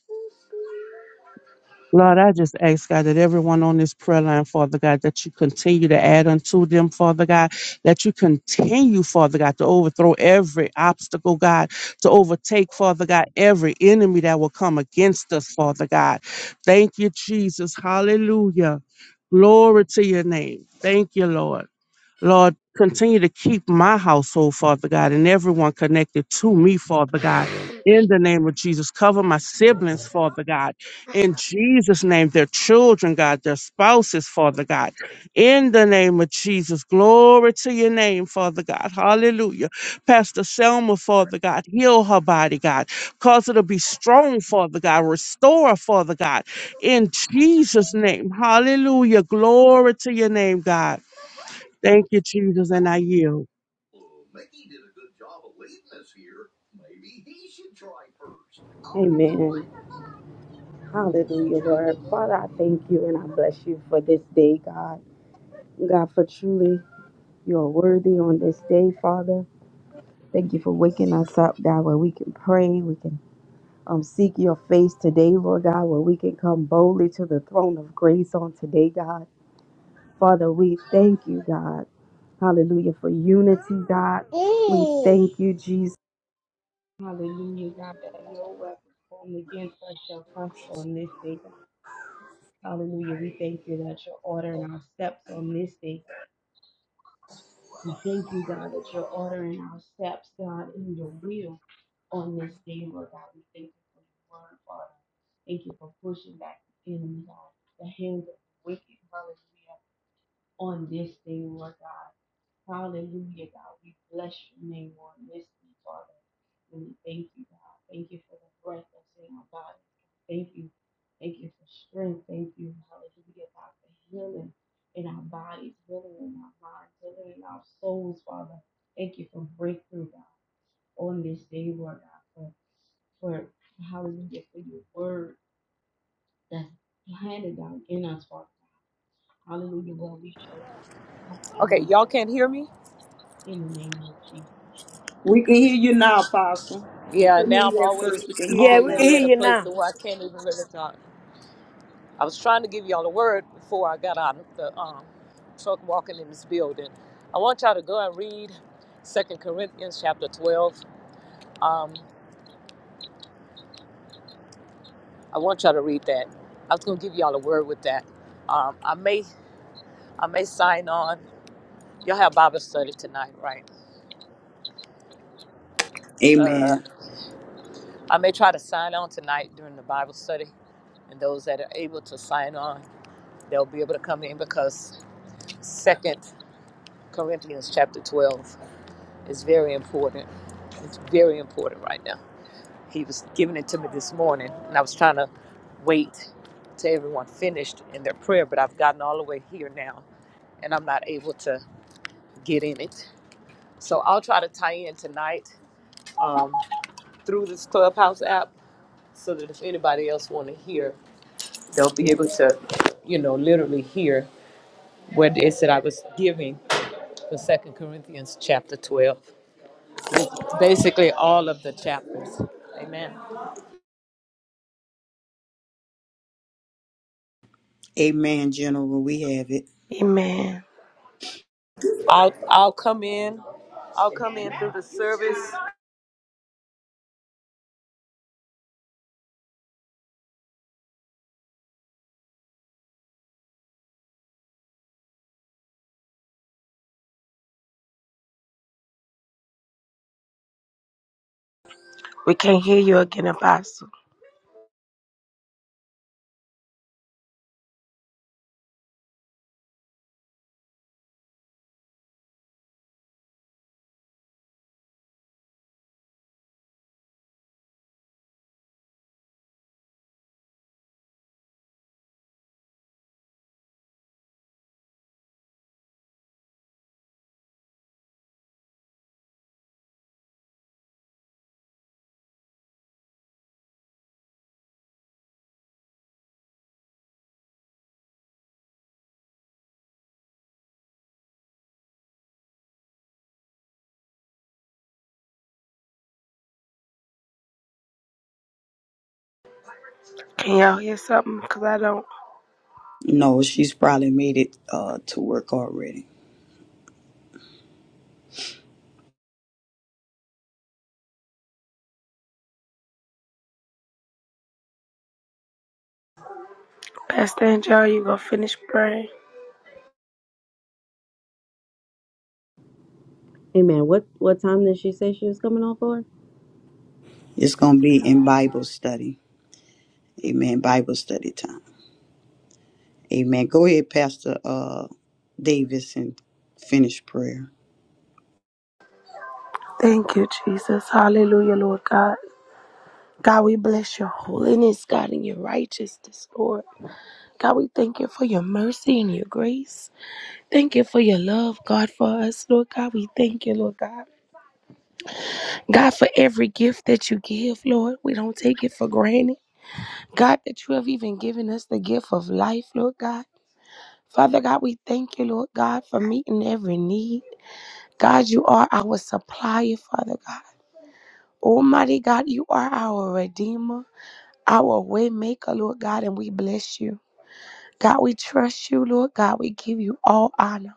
Lord, I just ask God that everyone on this prayer line, Father God, that you continue to add unto them, Father God, that you continue, Father God, to overthrow every obstacle, God, to overtake, Father God, every enemy that will come against us, Father God. Thank you, Jesus. Hallelujah. Glory to your name. Thank you, Lord. Lord, continue to keep my household, Father God, and everyone connected to me, Father God. In the name of Jesus, cover my siblings, Father God. In Jesus' name, their children, God, their spouses, Father God. In the name of Jesus, glory to your name, Father God. Hallelujah. Pastor Selma, Father God, heal her body, God. Cause her to be strong, Father God. Restore, her, Father God. In Jesus' name, hallelujah. Glory to your name, God. Thank you, Jesus, and I yield.
Amen. Hallelujah, Lord. Father, I thank you and I bless you for this day, God. God, for truly you are worthy on this day, Father. Thank you for waking us up, God, where we can pray, we can um, seek your face today, Lord God, where we can come boldly to the throne of grace on today, God. Father, we thank you, God. Hallelujah, for unity, God. We thank you, Jesus. Hallelujah, God, that no weapon formed against us shall prosper on this day, God. Hallelujah. We thank you that you're ordering our steps on this day. We thank you, God, that you're ordering our steps, God, in your will on this day, Lord God. We thank you for your word, Father. Thank you for pushing back the enemy, God, the hands of the wicked. Hallelujah on this day, Lord God. Hallelujah, God. We bless your name on this day, Father. And we thank you, God. Thank you for the breath that's in our bodies. Thank you. Thank you for strength. Thank you, hallelujah, God, for healing in our bodies, healing in our minds, healing in our souls, Father. Thank you for breakthrough, God, on this day, Lord God, for, for hallelujah, for your word that's planted down in us, Father. Hallelujah, Lord. We shall not be
Okay,
comforted.
y'all can't hear me?
in the name of Jesus.
We can hear you now, Apostle. We
Yeah,
couldn't hear
now I'm
you at
always
first. We can hear
Yeah,
you
we can
now.
already
hear
at a
you
place
now.
to where I can't even really talk. I was trying to give y'all a word before I got out of the um, truck walking in this building. I want y'all to go and read 2 Corinthians chapter 12. Um, I want y'all to read that. I was going to give y'all a word with that. Um, I may I may sign on. Y'all have Bible study tonight, right? Uh,
Amen.
I may try to sign on tonight during the Bible study and those that are able to sign on, they'll be able to come in because Second Corinthians chapter 12 is very important. It's very important right now. He was giving it to me this morning, and I was trying to wait till everyone finished in their prayer, but I've gotten all the way here now, and I'm not able to get in it. So I'll try to tie in tonight through this Clubhouse app so that if anybody else want to hear, they'll be able to, you know, literally hear what it is that I was giving for Second Corinthians chapter 12. basically all of the chapters. Amen.
Amen, General. We have it.
Amen.
I'll I'll come in. I'll come in through the service.
We can't hear you again, Apostle. Can y'all hear something? Because I don't.
No, she's probably made it uh, to work already.
Pastor Angel, you going to finish praying?
Amen. What what time did she say she was coming on for?
It's going to be in Bible study. Amen. Bible study time. Amen. Go ahead, Pastor uh, Davis, and finish prayer.
Thank you, Jesus. Hallelujah, Lord God. God, we bless your holiness, God, and your righteousness, Lord. God, we thank you for your mercy and your grace. Thank you for your love, God, for us, Lord God. We thank you, Lord God. God, for every gift that you give, Lord. We don't take it for granted. God, that you have even given us the gift of life, Lord God. Father God, we thank you, Lord God, for meeting every need. God, you are our supplier, Father God. Almighty God, you are our redeemer, our way maker, Lord God, and we bless you. God, we trust you, Lord God. We give you all honor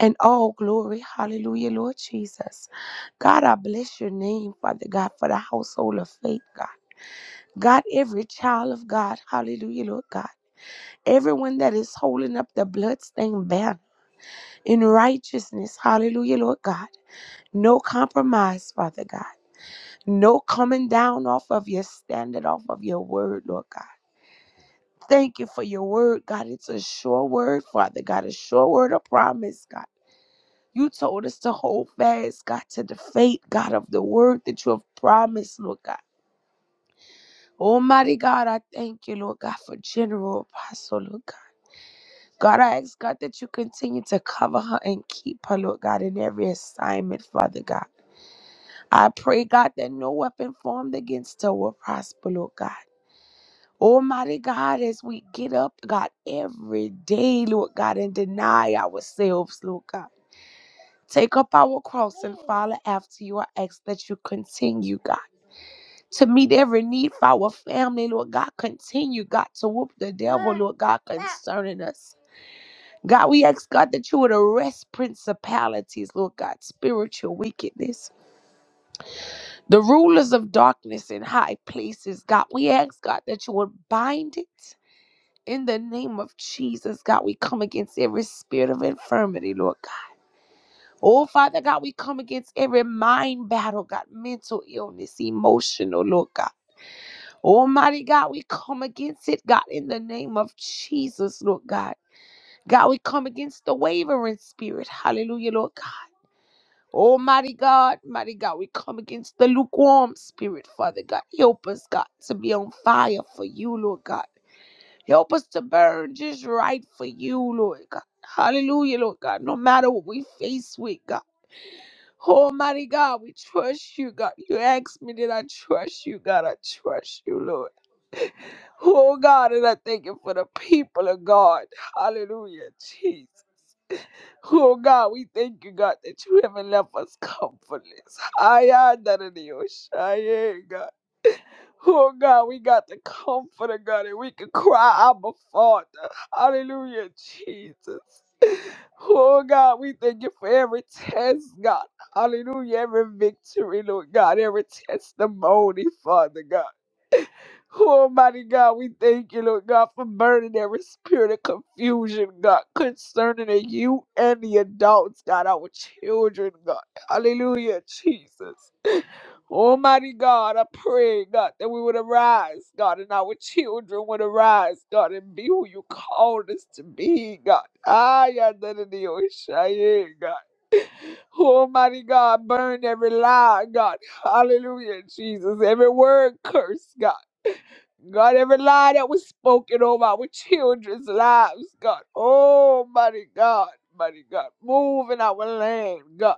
and all glory. Hallelujah, Lord Jesus. God, I bless your name, Father God, for the household of faith, God. God, every child of God, hallelujah, Lord God. Everyone that is holding up the bloodstained banner. in righteousness. Hallelujah, Lord God. No compromise, Father God. No coming down off of your standard, off of your word, Lord God. Thank you for your word, God. It's a sure word, Father God, a sure word of promise, God. You told us to hold fast, God, to the faith, God, of the word that you have promised, Lord God. Almighty God, I thank you, Lord God, for General Apostle, Lord God. God, I ask God that you continue to cover her and keep her, Lord God, in every assignment, Father God. I pray, God, that no weapon formed against her will prosper, Lord God. Almighty God, as we get up, God, every day, Lord God, and deny ourselves, Lord God. Take up our cross and follow after you. I ask that you continue, God, to meet every need for our family, Lord God. Continue, God, to whoop the devil, Lord God, concerning us. God, we ask, God, that you would arrest principalities, Lord God, spiritual wickedness. The rulers of darkness in high places, God, we ask, God, that you would bind it in the name of Jesus, God. We come against every spirit of infirmity, Lord God. Oh, Father God, we come against every mind battle, God, mental illness, emotional, Lord God. Almighty God, we come against it, God, in the name of Jesus, Lord God. God, we come against the wavering spirit. Hallelujah, Lord God. Oh, mighty God, mighty God, we come against the lukewarm spirit, Father God. Help us, God, to be on fire for you, Lord God. Help us to burn just right for you, Lord God. Hallelujah, Lord God. No matter what we face with, God. Oh, mighty God, we trust you, God. You asked me, did I trust you, God? I trust you, Lord. Oh, God, and I thank you for the people of God. Hallelujah, Jesus. Oh God, we thank you, God, that you haven't left us comfortless. I Oshaye, God. Oh God, we got the comforter, God, and we can cry Abba Father. Hallelujah, Jesus. Oh God, we thank you for every test, God. Hallelujah, every victory, Lord God, every testimony, Father God. Oh, Almighty God, we thank you, Lord God, for burning every spirit of confusion, God, concerning the youth and the adults, God, our children, God. Hallelujah, Jesus. Almighty God, I pray, God, that we would arise, God, and our children would arise, God, and be who you called us to be, God. Ay, ay, da, da, da, oh, shaye, God. Almighty God, burn every lie, God. Hallelujah, Jesus. Every word curse, God. God, every lie that was spoken over our children's lives, God. Oh, mighty God, mighty God. Move in our land, God.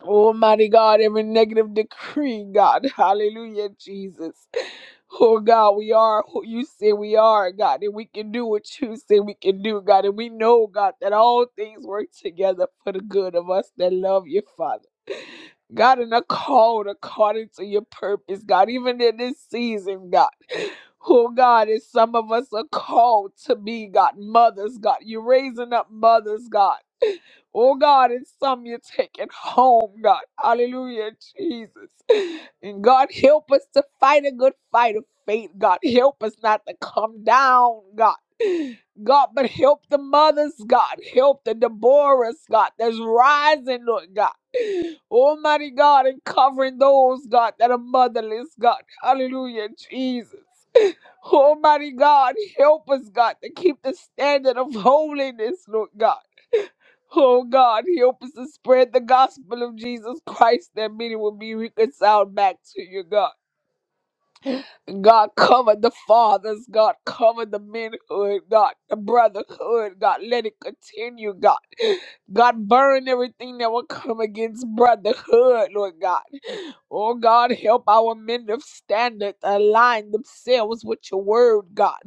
Oh, mighty God, every negative decree, God. Hallelujah, Jesus. Oh, God, we are who you say we are, God, and we can do what you say we can do, God. And we know, God, that all things work together for the good of us that love you, Father. God, and are called according to your purpose, God, even in this season, God. Oh God, is some of us are called to be God mothers, God. You're raising up mothers, God. Oh God, and some you're taking home, God. Hallelujah, Jesus. And God, help us to fight a good fight of faith, God. Help us not to come down, God. God, but help the mothers, God. Help the Deborahs, God, that's rising, Lord God. Almighty God, and covering those, God, that are motherless, God. Hallelujah, Jesus. Almighty God, help us, God, to keep the standard of holiness, Lord God. Oh God, help us to spread the gospel of Jesus Christ that many will be reconciled back to you, God. God, cover the fathers, God, cover the manhood, God, the brotherhood, God, let it continue, God. God, burn everything that will come against brotherhood, Lord God. Oh God, help our men of standard align themselves with your word, God.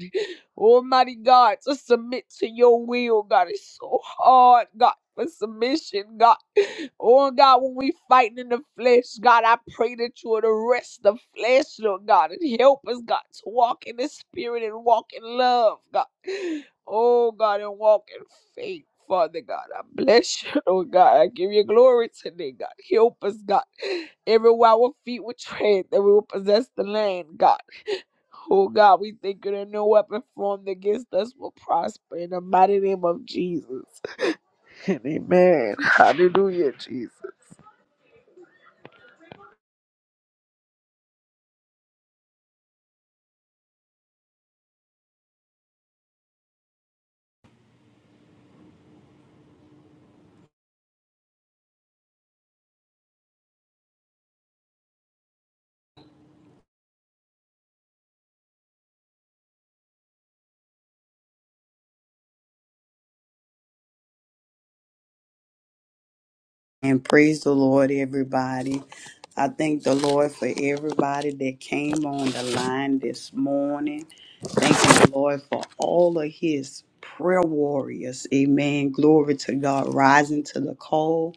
Almighty God, to submit to your will, God. It's so hard, God, for submission, God. Oh God, when we fighting in the flesh, God, I pray that you would arrest the flesh, Lord God, and help us, God, to walk in the spirit and walk in love, God. Oh God, and walk in faith. Father God, I bless you, oh God. I give you glory today, God. Help us, God. Everywhere our feet would tread, that we will possess the land, God. Oh God, we thank you that no weapon formed against us will prosper in the mighty name of Jesus. And amen. Hallelujah, Jesus.
And praise the Lord, everybody. I thank the Lord for everybody that came on the line this morning. Thank the Lord for all of his prayer warriors. Amen. Glory to God. Rising to the call.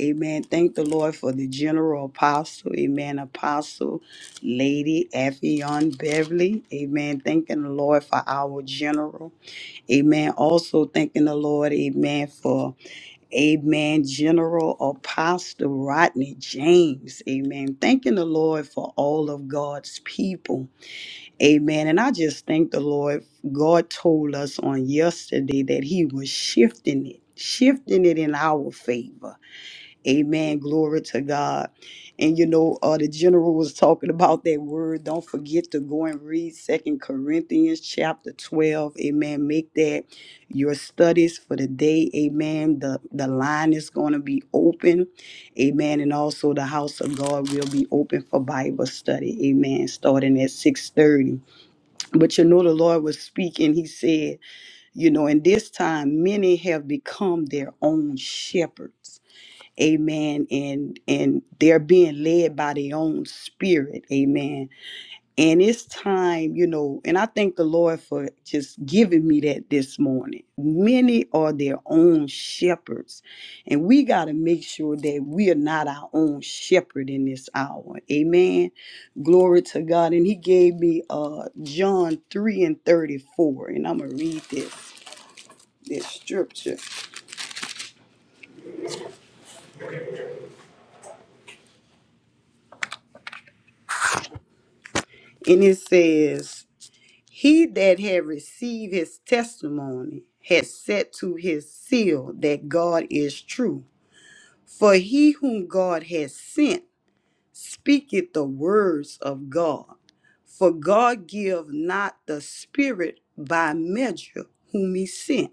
Amen. Thank the Lord for the general apostle. Amen. Apostle Lady Affion Beverly. Amen. Thanking the Lord for our general. Amen. Also thanking the Lord, amen, for amen, General Apostle Rodney James. Amen. Thanking the Lord for all of God's people. Amen. And I just thank the Lord. God told us on yesterday that He was shifting it, shifting it in our favor. Amen. Glory to God. And you know, uh, the general was talking about that word. Don't forget to go and read Second Corinthians chapter 12. Amen. Make that your studies for the day. Amen. The the line is going to be open. Amen. And also the house of God will be open for Bible study. Amen. Starting at 6:30. But you know, the Lord was speaking. He said, you know, in this time, many have become their own shepherds amen and and they're being led by their own spirit amen and it's time you know and i thank the lord for just giving me that this morning many are their own shepherds and we got to make sure that we are not our own shepherd in this hour amen glory to god and he gave me uh john 3 and 34 and i'm gonna read this this scripture and it says He that had received his testimony had set to his seal that God is true. For he whom God has sent speaketh the words of God. For God give not the Spirit by measure whom he sent.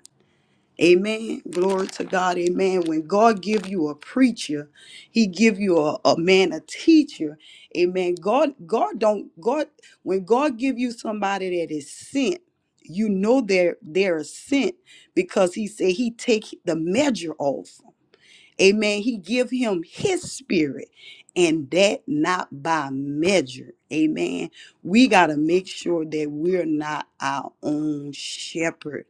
Amen. Glory to God. Amen. When God give you a preacher, he give you a, a man, a teacher. Amen. God, God don't, God, when God give you somebody that is sent, you know they're, they're sent because he said he take the measure off. Amen. He give him his spirit and that not by measure. Amen. We got to make sure that we're not our own shepherd.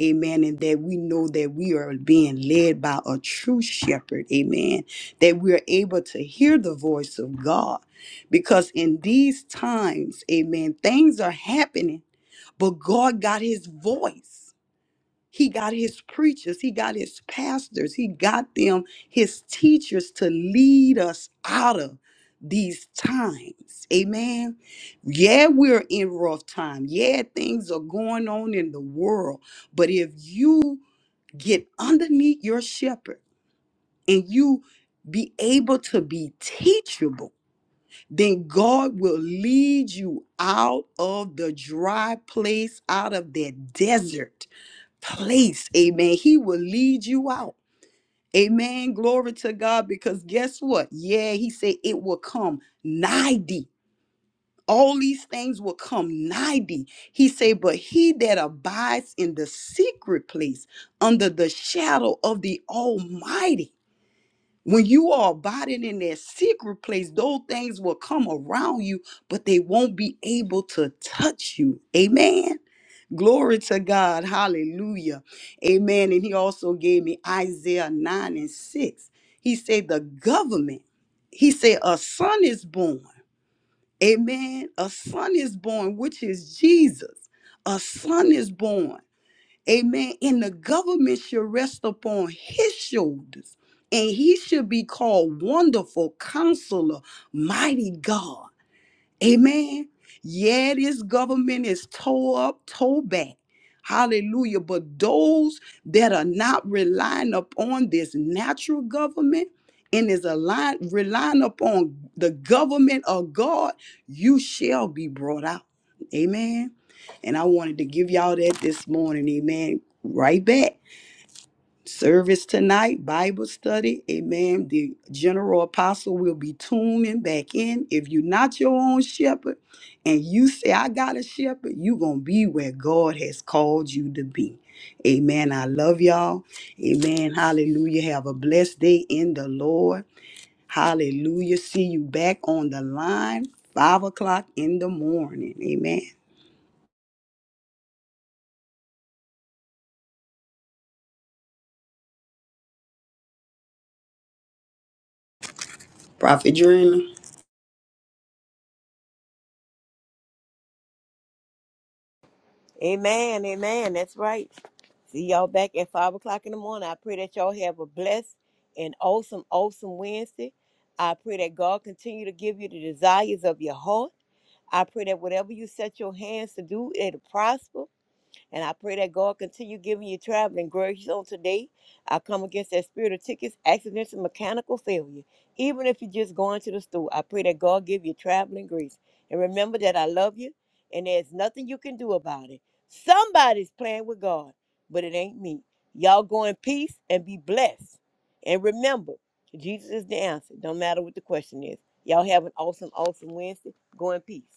Amen. And that we know that we are being led by a true shepherd. Amen. That we're able to hear the voice of God. Because in these times, amen, things are happening, but God got his voice. He got his preachers, he got his pastors, he got them, his teachers to lead us out of these times. Amen. Yeah, we're in rough time. Yeah, things are going on in the world. But if you get underneath your shepherd and you be able to be teachable, then God will lead you out of the dry place, out of that desert place. Amen. He will lead you out. Amen. Glory to God. Because guess what? Yeah, he said it will come nigh thee. All these things will come nigh thee. He said, but he that abides in the secret place under the shadow of the Almighty. When you are abiding in that secret place, those things will come around you, but they won't be able to touch you. Amen. Glory to God. Hallelujah. Amen. And he also gave me Isaiah 9 and 6. He said, The government, he said, a son is born. Amen. A son is born, which is Jesus. A son is born. Amen. And the government should rest upon his shoulders. And he should be called Wonderful Counselor, Mighty God. Amen. Yeah, this government is toe up, toe back. Hallelujah. But those that are not relying upon this natural government and is aligned, relying upon the government of God, you shall be brought out. Amen. And I wanted to give y'all that this morning. Amen. Right back service tonight, Bible study. Amen. The general apostle will be tuning back in. If you're not your own shepherd and you say, I got a shepherd, you're going to be where God has called you to be. Amen. I love y'all. Amen. Hallelujah. Have a blessed day in the Lord. Hallelujah. See you back on the line, five o'clock in the morning. Amen. Prophet Dreamer.
Amen. Amen. That's right. See y'all back at five o'clock in the morning. I pray that y'all have a blessed and awesome, awesome Wednesday. I pray that God continue to give you the desires of your heart. I pray that whatever you set your hands to do, it'll prosper. And I pray that God continue giving you traveling grace on today. I come against that spirit of tickets, accidents, and mechanical failure. Even if you're just going to the store, I pray that God give you traveling grace. And remember that I love you, and there's nothing you can do about it. Somebody's playing with God, but it ain't me. Y'all go in peace and be blessed. And remember, Jesus is the answer, no matter what the question is. Y'all have an awesome, awesome Wednesday. Go in peace.